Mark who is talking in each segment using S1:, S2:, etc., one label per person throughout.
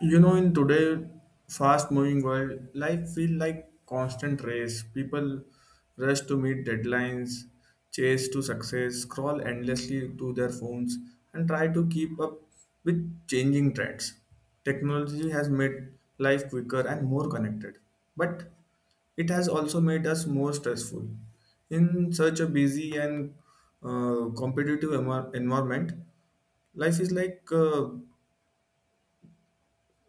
S1: In today fast-moving world, life feels like constant race. People rush to meet deadlines, chase to success, scroll endlessly to their phones, and try to keep up with changing trends. Technology has made life quicker and more connected, but it has also made us more stressful. In such a busy and competitive environment, life is like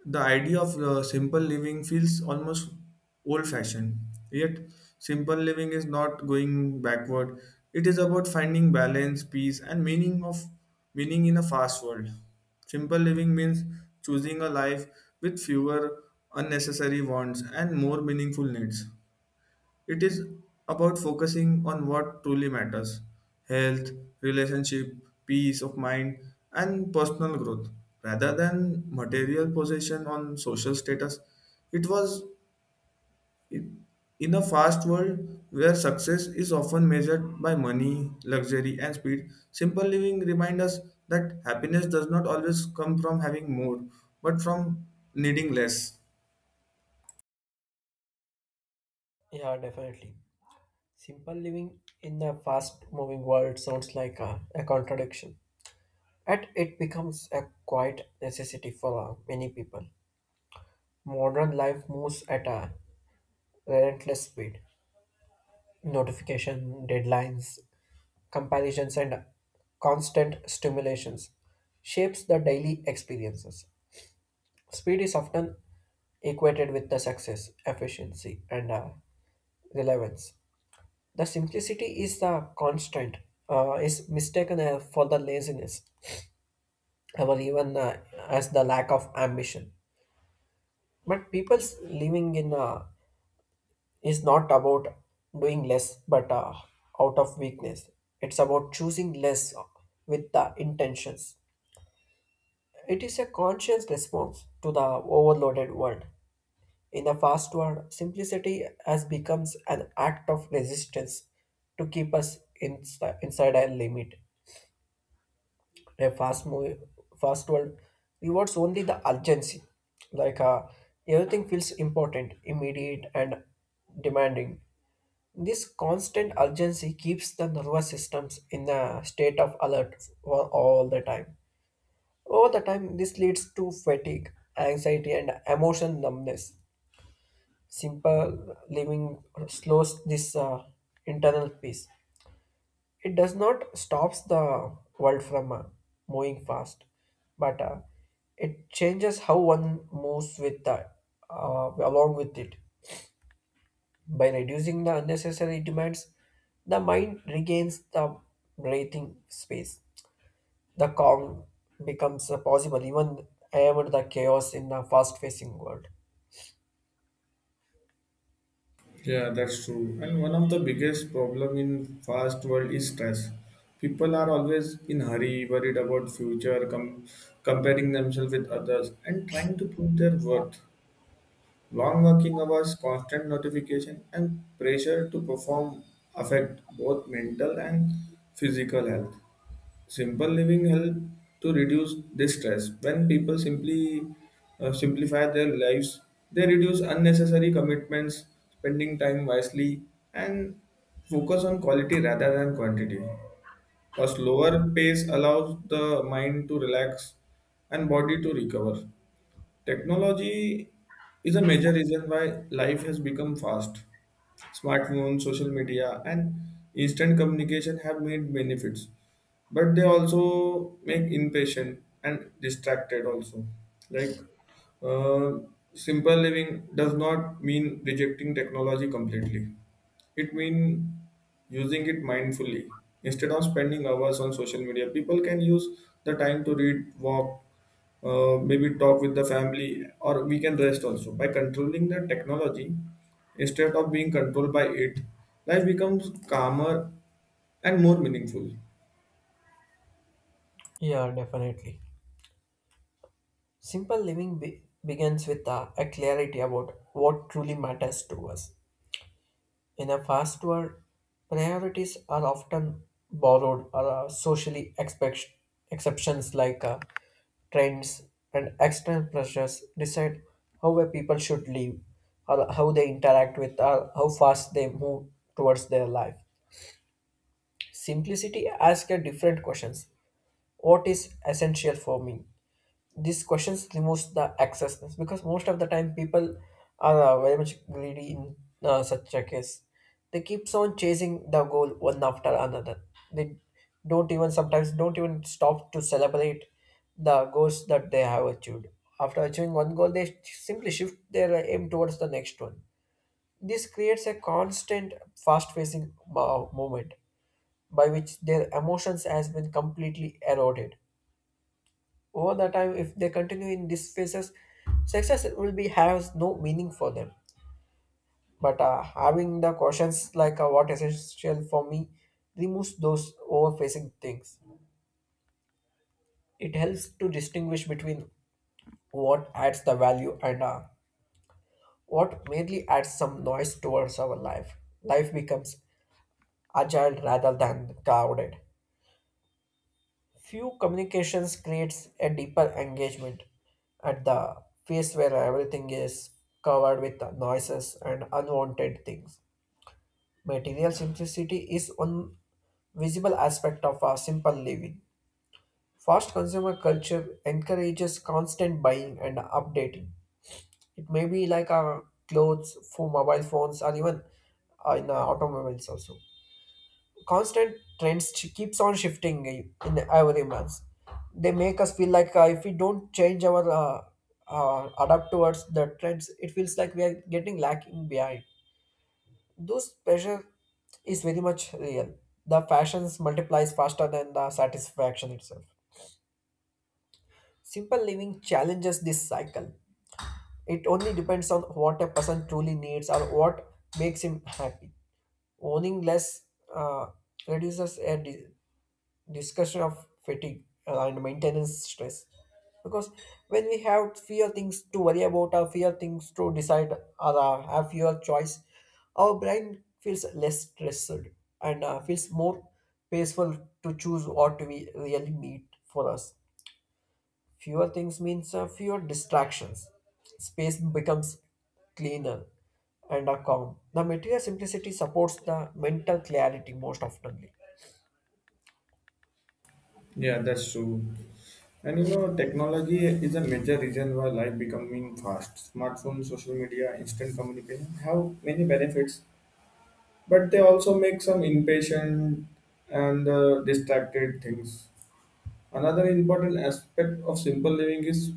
S1: the idea of simple living feels almost old fashioned. Yet, simple living is not going backward. It is about finding balance, peace, and meaning in a fast world. Simple living means choosing a life with fewer unnecessary wants and more meaningful needs. It is about focusing on what truly matters: health, relationship, peace of mind, and personal growth rather than material possession on social status. It was in a fast world where success is often measured by money, luxury, and speed. Simple living reminds us that happiness does not always come from having more, but from needing less.
S2: Yeah, definitely. Simple living in a fast moving world sounds like a contradiction. Yet it becomes a quiet necessity for many people. Modern life moves at a relentless speed. Notification, deadlines, comparisons, and constant stimulations shapes the daily experiences. Speed is often equated with the success, efficiency, and relevance. The simplicity is the constant, is mistaken for the laziness, or even as the lack of ambition. But people's living in is not about doing less, but out of weakness. It's about choosing less with the intentions. It is a conscious response to the overloaded world. In the fast world, simplicity has becomes an act of resistance to keep us inside a limit. A fast movie fast world rewards only the urgency like uh, everything feels important immediate and demanding. This constant urgency keeps the nervous systems in the state of alert for all the time. Over the time this leads to fatigue, anxiety and emotional numbness. Simple living slows this internal peace. It does not stops the world from moving fast, but it changes how one moves with the along with it. By reducing the unnecessary demands the mind regains the breathing space. The calm becomes possible even amid the chaos in the fast facing world.
S1: Yeah, that's true. And one of the biggest problem in fast world is stress. People are always in hurry, worried about future, comparing themselves with others, and trying to prove their worth. Long working hours, constant notification, and pressure to perform affect both mental and physical health. Simple living help to reduce this stress. When people simply simplify their lives, they reduce unnecessary commitments, spending time wisely, and focus on quality rather than quantity. A slower pace allows the mind to relax and body to recover. Technology is a major reason why life has become fast. Smartphones, social media, and instant communication have made benefits, but they also make impatient and distracted. Also, like uh, simple living does not mean rejecting technology completely. It means using it mindfully. Instead of spending hours on social media, people can use the time to read, walk, maybe talk with the family, or we can rest also. By controlling the technology instead of being controlled by it, life becomes calmer and more meaningful.
S2: Yeah, definitely. Simple living begins with a clarity about what truly matters to us. In a fast world, priorities are often borrowed or are socially exceptions trends and external pressures decide how a people should live or how they interact with or how fast they move towards their life. Simplicity asks a different questions. What is essential for me? These questions removes the accessness because most of the time people are very much greedy in such a case. They keeps on chasing the goal one after another. They don't even stop to celebrate the goals that they have achieved. After achieving one goal they simply shift their aim towards the next one. This creates a constant fast facing movement by which their emotions has been completely eroded. Over the time, if they continue in these phases, success will be has no meaning for them. But having the questions like what essential for me removes those overfacing things. It helps to distinguish between what adds the value and what merely adds some noise towards our life. Life becomes agile rather than crowded. Few communications creates a deeper engagement at the phase where everything is covered with noises and unwanted things. Material simplicity is one visible aspect of our simple living. Fast consumer culture encourages constant buying and updating. It may be like our clothes for mobile phones or even in automobiles also. Constant trends keeps on shifting in every month. They make us feel like if we don't change our adapt towards the trends, it feels like we are getting lacking behind. Those pressure is very much real. The fashions multiplies faster than the satisfaction itself. Simple living challenges this cycle. It only depends on what a person truly needs or what makes him happy. Owning less uh, reduces a discussion of fatigue and maintenance stress because when we have fewer things to worry about or fewer things to decide or have fewer choice, our brain feels less stressed and feels more peaceful to choose what we really need for us. Fewer things means fewer distractions. Space becomes cleaner and calm. The material simplicity supports the mental clarity most often.
S1: Yeah, that's true. And technology is a major reason why life becoming fast. Smartphones, social media, instant communication have many benefits, but they also make some impatient and distracted things. Another important aspect of simple living is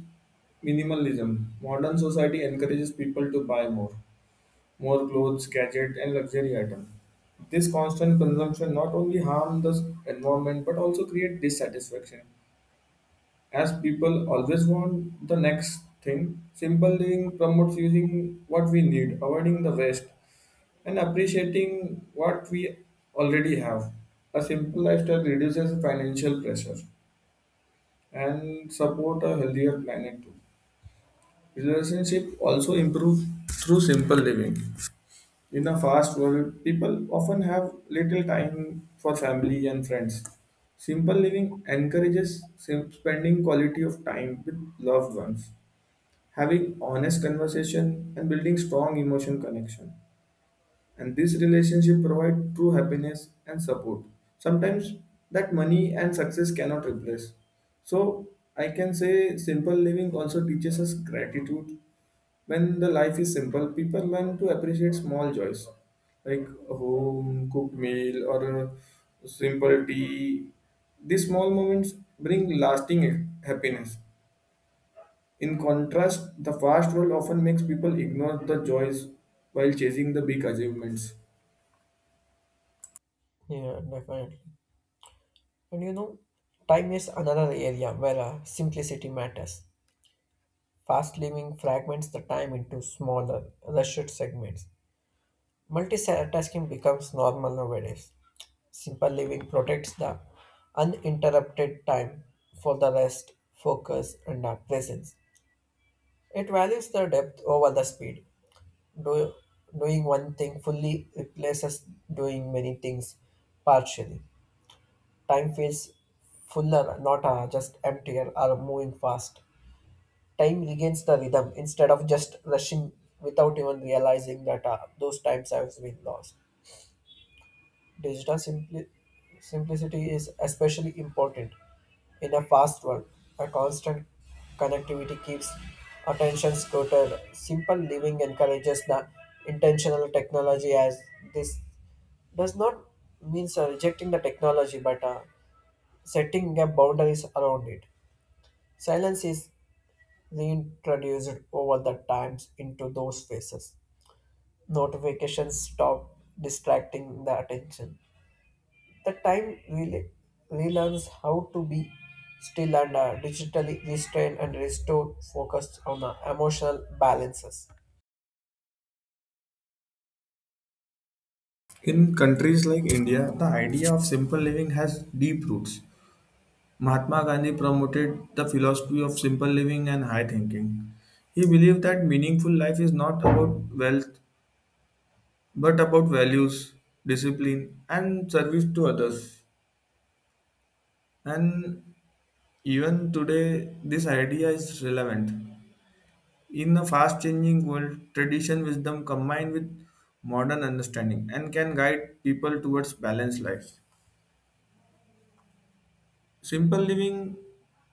S1: minimalism. Modern society encourages people to buy more clothes, gadgets, and luxury items. This constant consumption not only harms the environment but also creates dissatisfaction, as people always want the next thing. Simple living promotes using what we need, avoiding the waste, and appreciating what we already have. A simple lifestyle reduces financial pressure and support a healthier planet too. Relationship also improve through simple living. In a fast world, people often have little time for family and friends. Simple living encourages spending quality of time with loved ones, having honest conversation and building strong emotion connection. And this relationship provide true happiness and support. Sometimes that money and success cannot replace. So I can say simple living also teaches us gratitude. When the life is simple, people learn to appreciate small joys like a home cooked meal or a simple tea. These small moments bring lasting happiness. In contrast, the fast world often makes people ignore the joys while chasing the big achievements.
S2: Yeah, definitely. And you know, time is another area where simplicity matters. Fast living fragments the time into smaller, rushed segments. Multitasking becomes normal nowadays. Simple living protects the uninterrupted time for the rest, focus, and presence. It values the depth over the speed. Do, Doing one thing fully replaces doing many things partially. Time feels fuller, not just emptier or moving fast. Time regains the rhythm instead of just rushing without even realizing that those times have been lost. Digital simplicity is especially important in a fast world. A constant connectivity keeps attention scattered. Simple living encourages the intentional technology as this does not mean rejecting the technology but setting up boundaries around it. Silence is reintroduced over the times into those faces. Notifications stop distracting the attention. The time really relearns how to be still and digitally restrained and restored focus on the emotional balances.
S1: In countries like India, the idea of simple living has deep roots. Mahatma Gandhi promoted the philosophy of simple living and high thinking. He believed that meaningful life is not about wealth but about values, discipline, and service to others. And even today, this idea is relevant. In a fast changing world, tradition wisdom combined with modern understanding and can guide people towards balanced lives. Simple living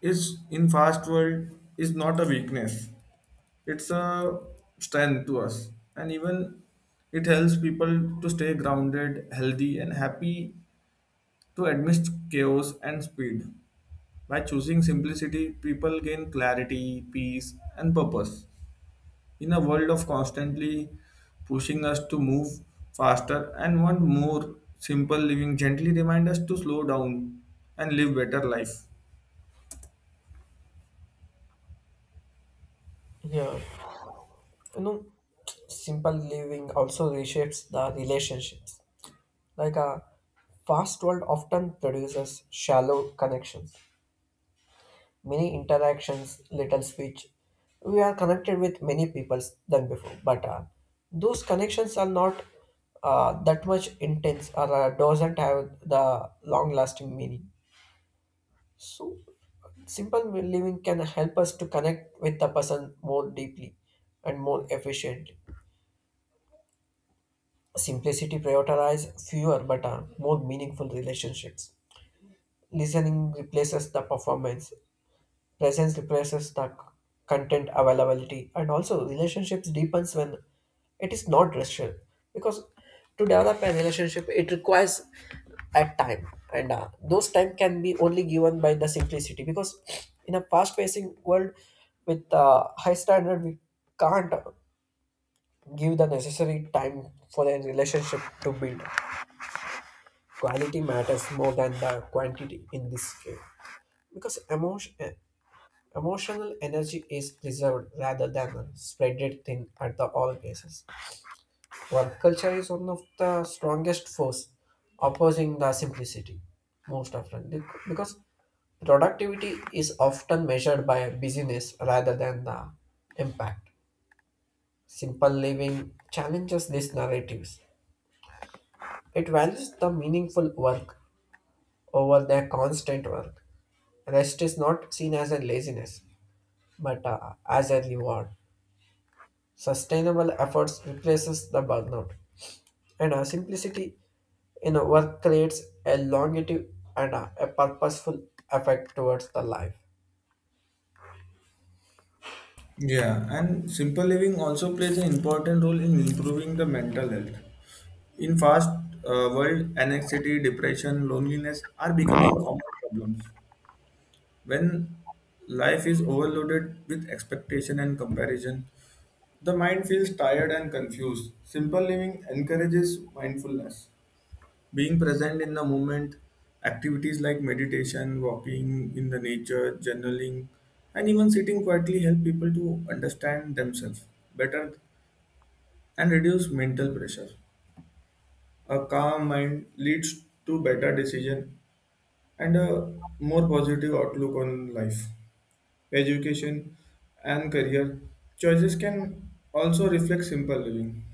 S1: is in fast world is not a weakness. It's a strength to us. And even it helps people to stay grounded, healthy and happy to amidst chaos and speed. By choosing simplicity, people gain clarity, peace, and purpose. In a world of constantly pushing us to move faster and want more, simple living gently remind us to slow down and live better life.
S2: Yeah, you know, simple living also reshapes the relationships. Like a fast world often produces shallow connections, many interactions, little speech. We are connected with many people than before, but those connections are not that much intense or doesn't have the long-lasting meaning. So, simple living can help us to connect with the person more deeply and more efficiently. Simplicity prioritizes fewer but more meaningful relationships. Listening replaces the performance. Presence replaces the content availability, and also relationships deepens when it is not rational. Because to develop a relationship, it requires a time, and those time can be only given by the simplicity. Because in a fast-pacing world with high standard, we can't give the necessary time for a relationship to build. Quality matters more than the quantity in this case because emotional energy is preserved rather than spread thin at the all places. Work culture is one of the strongest force opposing the simplicity most often because productivity is often measured by busyness rather than the impact. Simple living challenges these narratives. It values the meaningful work over their constant work. Rest is not seen as a laziness, but as a reward. Sustainable efforts replaces the burnout, and a simplicity in a work creates a longevity and a purposeful effect towards the life.
S1: Yeah, and simple living also plays an important role in improving the mental health. In fast world, anxiety, depression, loneliness are becoming common problems. When life is overloaded with expectation and comparison, the mind feels tired and confused. Simple living encourages mindfulness, being present in the moment. Activities like meditation, walking in the nature, journaling, and even sitting quietly help people to understand themselves better and reduce mental pressure. A calm mind leads to better decision and a more positive outlook on life. Education, and career choices can also reflect simple living.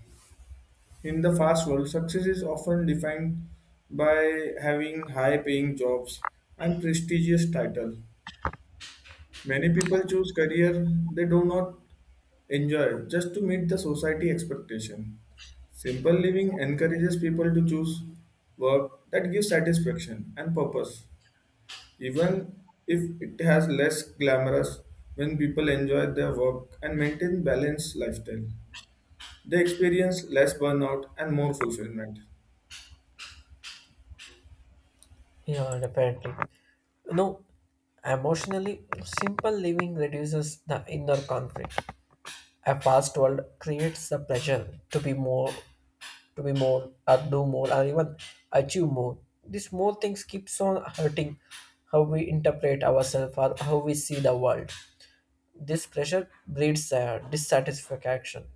S1: In the fast world, success is often defined by having high paying jobs and prestigious titles. Many people choose career they do not enjoy just to meet the society expectation. Simple living encourages people to choose work that gives satisfaction and purpose even if it has less glamorous. When people enjoy their work and maintain balanced lifestyle, they experience less burnout and more fulfillment.
S2: Yeah, definitely. You know, emotionally, simple living reduces the inner conflict. A fast world creates the pressure to be more, or do more, or even achieve more. These more things keeps on hurting how we interpret ourselves or how we see the world. This pressure breeds dissatisfaction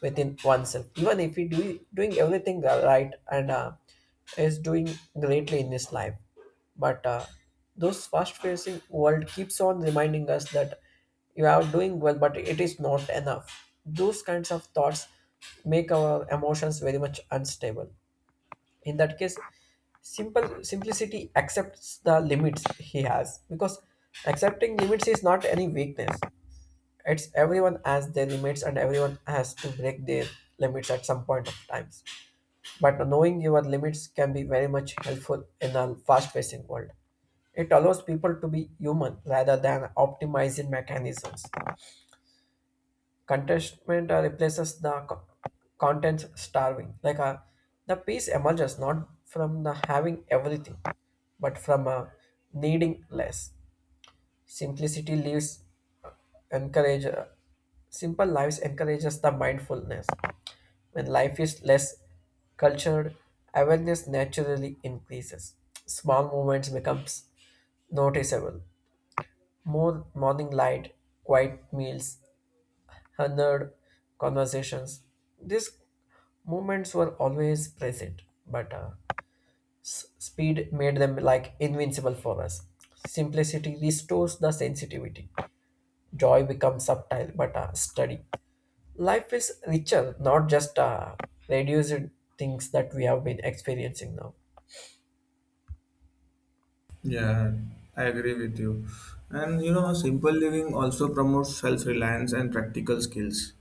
S2: within oneself, even if he doing everything right and is doing greatly in his life. But those fast-paced world keeps on reminding us that you are doing well, but it is not enough. Those kinds of thoughts make our emotions very much unstable. In that case, simple simplicity accepts the limits he has because accepting limits is not any weakness. It's everyone has their limits and everyone has to break their limits at some point of times. But knowing your limits can be very much helpful in a fast-paced world. It allows people to be human rather than optimizing mechanisms. Contentment replaces the content starving. Like the peace emerges not from the having everything, but from needing less. Simplicity leaves encourage Simple lives encourages the mindfulness. When life is less cultured, awareness naturally increases. Small movements becomes noticeable, more morning light, quiet meals, honored conversations. These moments were always present, but speed made them like invincible for us. Simplicity restores the sensitivity. Joy becomes subtle but steady. Life is richer, not just reduced things that we have been experiencing now.
S1: Yeah, I agree with you. And simple living also promotes self-reliance and practical skills.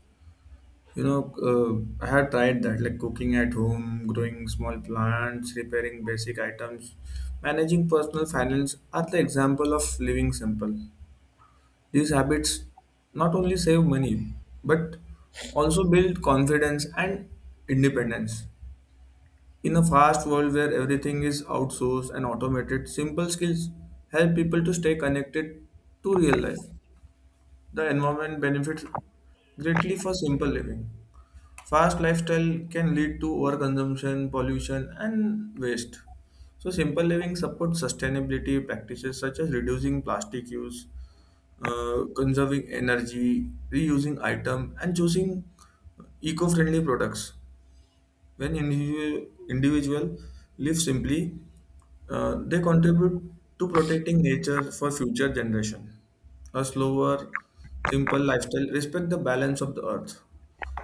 S1: You know, uh, I have tried that, like cooking at home, growing small plants, repairing basic items, managing personal finance are the example of living simple. These habits not only save money, but also build confidence and independence. In a fast world where everything is outsourced and automated, simple skills help people to stay connected to real life. The environment benefits greatly for simple living. Fast lifestyle can lead to overconsumption, pollution, and waste. So, simple living supports sustainability practices such as reducing plastic use, conserving energy, reusing item, and choosing eco-friendly products. When individual live simply, they contribute to protecting nature for future generation. A slower, simple lifestyle respect the balance of the earth.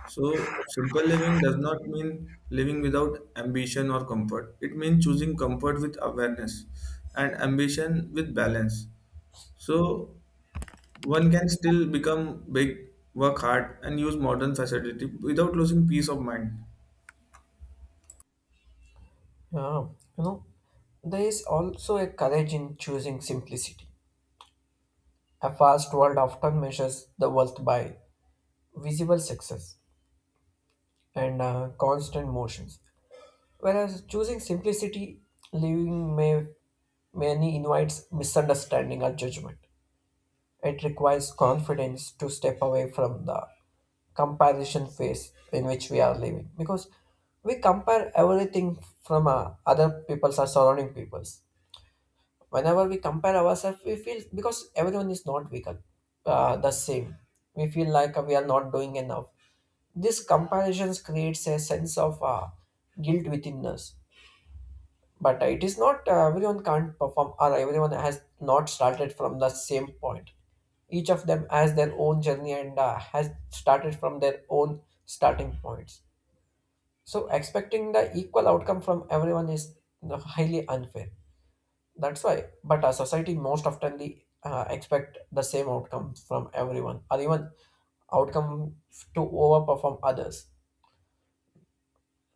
S1: So, simple living does not mean living without ambition or comfort. It means choosing comfort with awareness and ambition with balance. So, one can still become big, work hard, and use modern facility without losing peace of mind.
S2: Yeah, you know, there is also a courage in choosing simplicity. A fast world often measures the worth by visible success and constant motions, whereas choosing simplicity, living may many invites misunderstanding or judgment. It requires confidence to step away from the comparison phase in which we are living because we compare everything from other people's or surrounding people's. Whenever we compare ourselves, we feel because everyone is not equal, the same. We feel like we are not doing enough. This comparisons creates a sense of guilt within us but it is not everyone can't perform or everyone has not started from the same point. Each of them has their own journey and has started from their own starting points. So expecting the equal outcome from everyone is you know, highly unfair. That's why, but society most often expect the same outcome from everyone or even outcome to overperform others.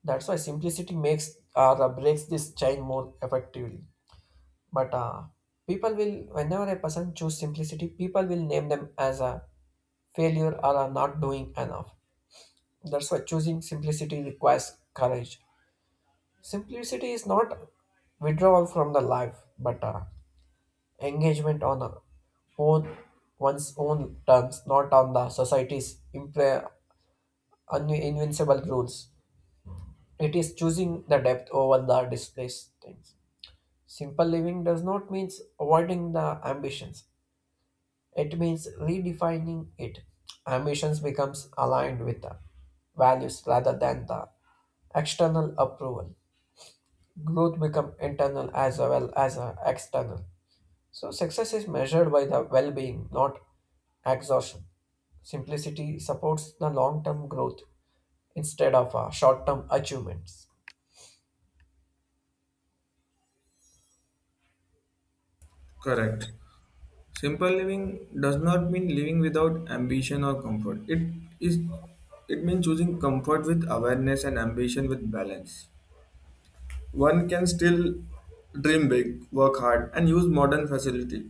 S2: That's why simplicity makes or breaks this chain more effectively. But People will, whenever a person choose simplicity people will name them as a failure or a not doing enough. That's why choosing simplicity requires courage. Simplicity is not withdrawal from the life but engagement on a own one's own terms, not on the society's invincible rules. It is choosing the depth over the displaced things. Simple living does not mean avoiding the ambitions. It means redefining it. Ambitions becomes aligned with the values rather than the external approval. Growth become internal as well as external. So success is measured by the well-being, not exhaustion. Simplicity supports the long-term growth instead of short-term achievements.
S1: Correct. Simple living does not mean living without ambition or comfort. Is it means choosing comfort with awareness and ambition with balance. One can still dream big, work hard, and use modern facility,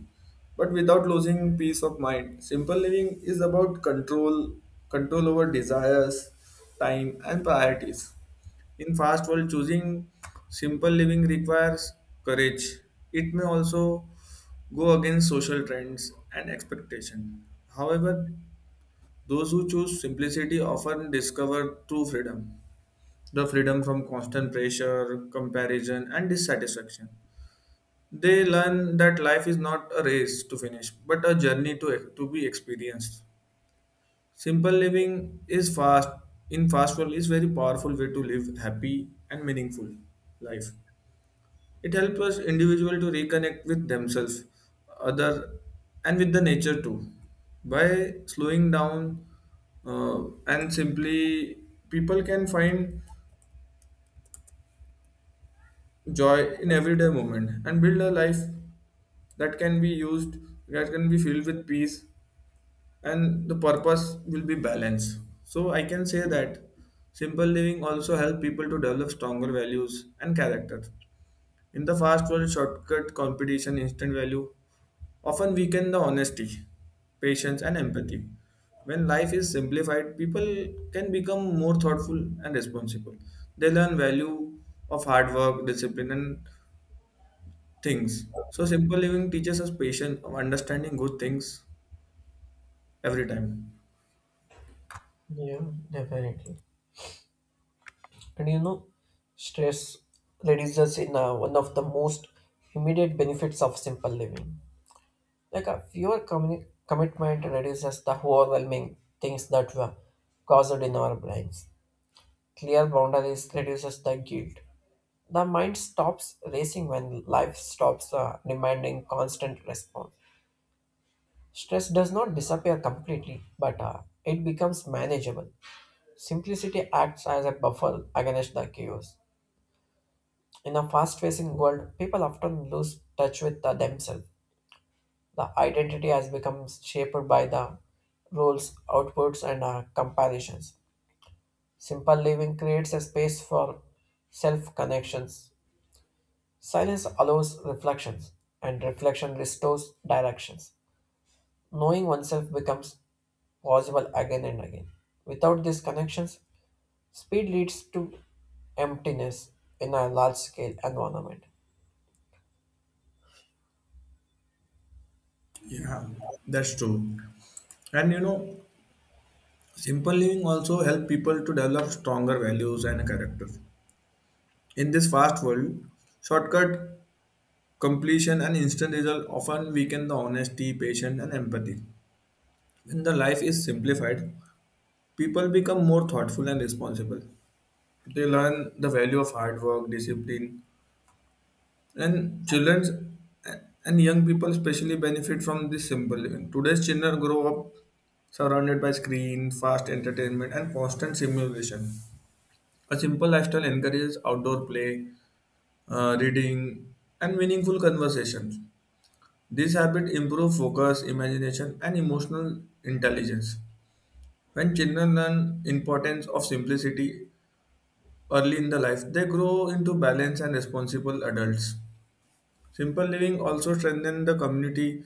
S1: but without losing peace of mind. Simple living is about control, control over desires, time, and priorities. In fast world, choosing simple living requires courage. It may also go against social trends and expectation. However, those who choose simplicity often discover true freedom, the freedom from constant pressure, comparison, and dissatisfaction. They learn that life is not a race to finish, but a journey to be experienced. Simple living in fast world is very powerful way to live happy and meaningful life. It helps us individual to reconnect with themselves, other, and with the nature too. By slowing down and simply, people can find joy in everyday moment and build a life that can be used that can be filled with peace and the purpose will be balance. So I can say that simple living also help people to develop stronger values and character. In the fast world, shortcut, competition, instant value often weaken the honesty, patience, and empathy. When life is simplified, people can become more thoughtful and responsible. They learn value of hard work, discipline, and things. So simple living teaches us patience of understanding good things every time.
S2: Yeah, definitely. And you know, stress reduces in one of the most immediate benefits of simple living. Like a fewer commitment reduces the overwhelming things that were caused in our brains. Clear boundaries reduces the guilt. The mind stops racing when life stops demanding constant response. Stress does not disappear completely, but it becomes manageable. Simplicity acts as a buffer against the chaos. In a fast-facing world, people often lose touch with themselves. The identity has become shaped by the roles, outputs, and comparisons. Simple living creates a space for self connections. Silence allows reflections, and reflection restores directions. Knowing oneself becomes possible again and again. Without these connections, speed leads to emptiness in a large scale environment.
S1: Yeah, that's true. And simple living also help people to develop stronger values and character. In this fast world, shortcut, completion, and instant result often weaken the honesty, patience, and empathy. When the life is simplified, people become more thoughtful and responsible. They learn the value of hard work, discipline. And children and young people especially benefit from this simple living. Today's children grow up surrounded by screen, fast entertainment, and constant stimulation. A simple lifestyle encourages outdoor play, reading, and meaningful conversations. These habits improve focus, imagination, and emotional intelligence. When children learn importance of simplicity early in the life, they grow into balanced and responsible adults. Simple living also strengthens the community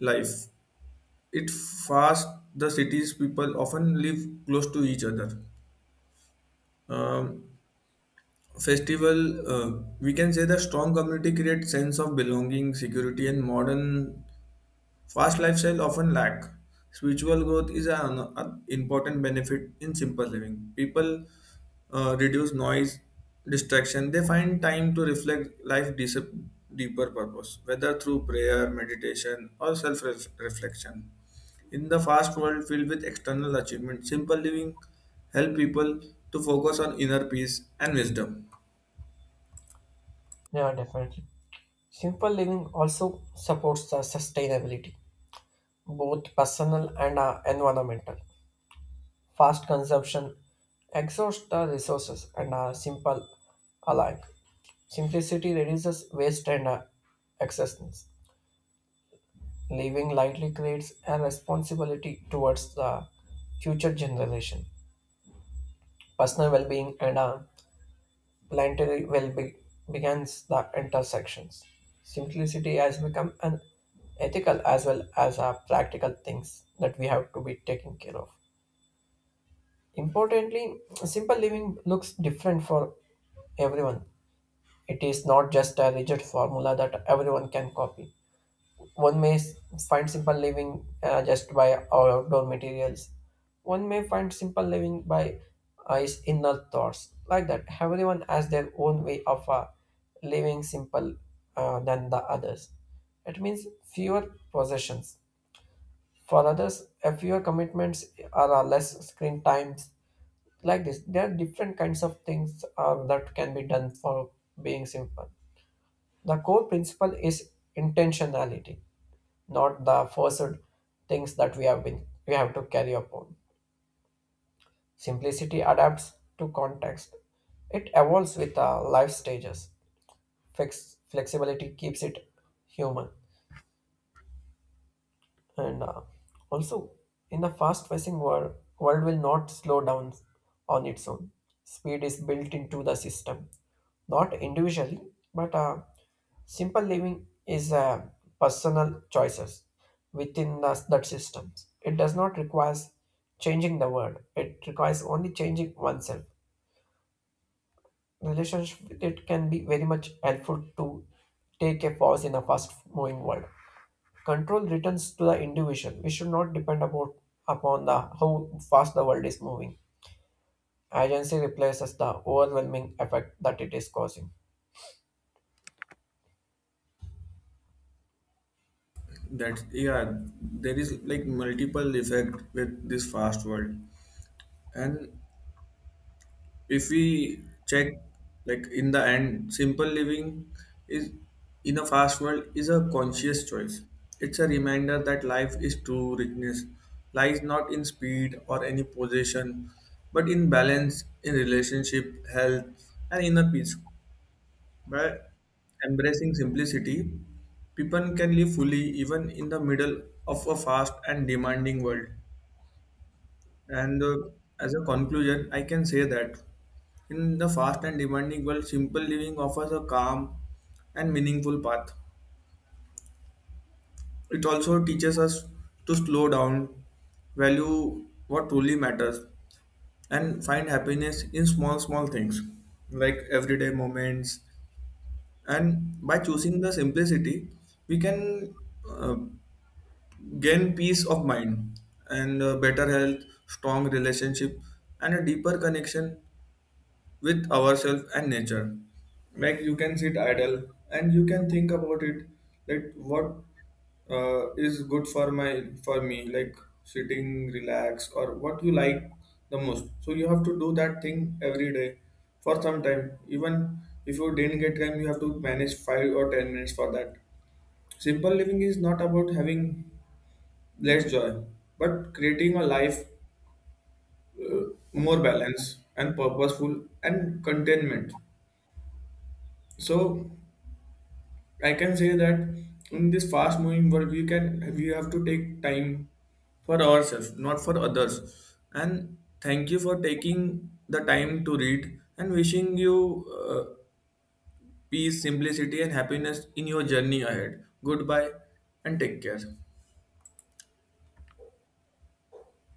S1: life. It fast the city's people often live close to each other. Um, Festival, we can say the strong community creates sense of belonging, security, and modern. Fast lifestyle often lack. Spiritual growth is an important benefit in simple living. People reduce noise, distraction. They find time to reflect life deeper purpose, whether through prayer, meditation, or self-reflection. In the fast world filled with external achievement, simple living help people to focus on inner peace and wisdom.
S2: Yeah, definitely. Simple living also supports the sustainability, both personal and environmental. Fast consumption exhausts the resources and are simple alike. Simplicity reduces waste and excessiveness. Living lightly creates a responsibility towards the future generation. Personal well-being and planetary well-being begins the intersections. Simplicity has become an ethical as well as a practical things that we have to be taking care of. Importantly, simple living looks different for everyone. It is not just a rigid formula that everyone can copy. One may s- find simple living just by outdoor materials. One may find simple living by his inner thoughts. Like that, everyone has their own way of living simple than the others. It means fewer possessions. For others, a fewer commitments are less screen times. Like this there are different kinds of things that can be done for being simple. The core principle is intentionality, not the forced things that we have to carry upon. Simplicity adapts to context. It evolves with life stages. Flexibility keeps it human. And also, in a fast pacing world, world will not slow down on its own. Speed is built into the system, not individually, but simple living is personal choices within that systems. It does not require changing the world. It requires only changing oneself. Relationship with it can be very much helpful to take a pause in a fast moving world. Control returns to the individual. We should not depend upon the how fast the world is moving. Agency replaces the overwhelming effect that it is causing.
S1: That yeah, there is like multiple effect with this fast world. And if we check, like in the end simple living is in a fast world is a conscious choice. It's a reminder that life is true richness lies not in speed or any possession but in balance, in relationship, health, and inner peace. By embracing simplicity, people can live fully even in the middle of a fast and demanding world. And as a conclusion, I can say that in the fast and demanding world, simple living offers a calm and meaningful path. It also teaches us to slow down, value what truly matters, and find happiness in small, small things like everyday moments. And by choosing the simplicity, we can uh, gain peace of mind and better health, strong relationship, and a deeper connection with ourselves and nature. Like you can sit idle and you can think about it, like what is good for me, like sitting, relax, or what you like the most. So you have to do that thing every day for some time. Even if you didn't get time, you have to manage 5 or 10 minutes for that. Simple living is not about having less joy, but creating a life uh, more balanced and purposeful and contentment. So I can say that in this fast moving world we have to take time for ourselves, not for others. And thank you for taking the time to read, and wishing you uh, peace, simplicity, and happiness in your journey ahead. Goodbye and take care.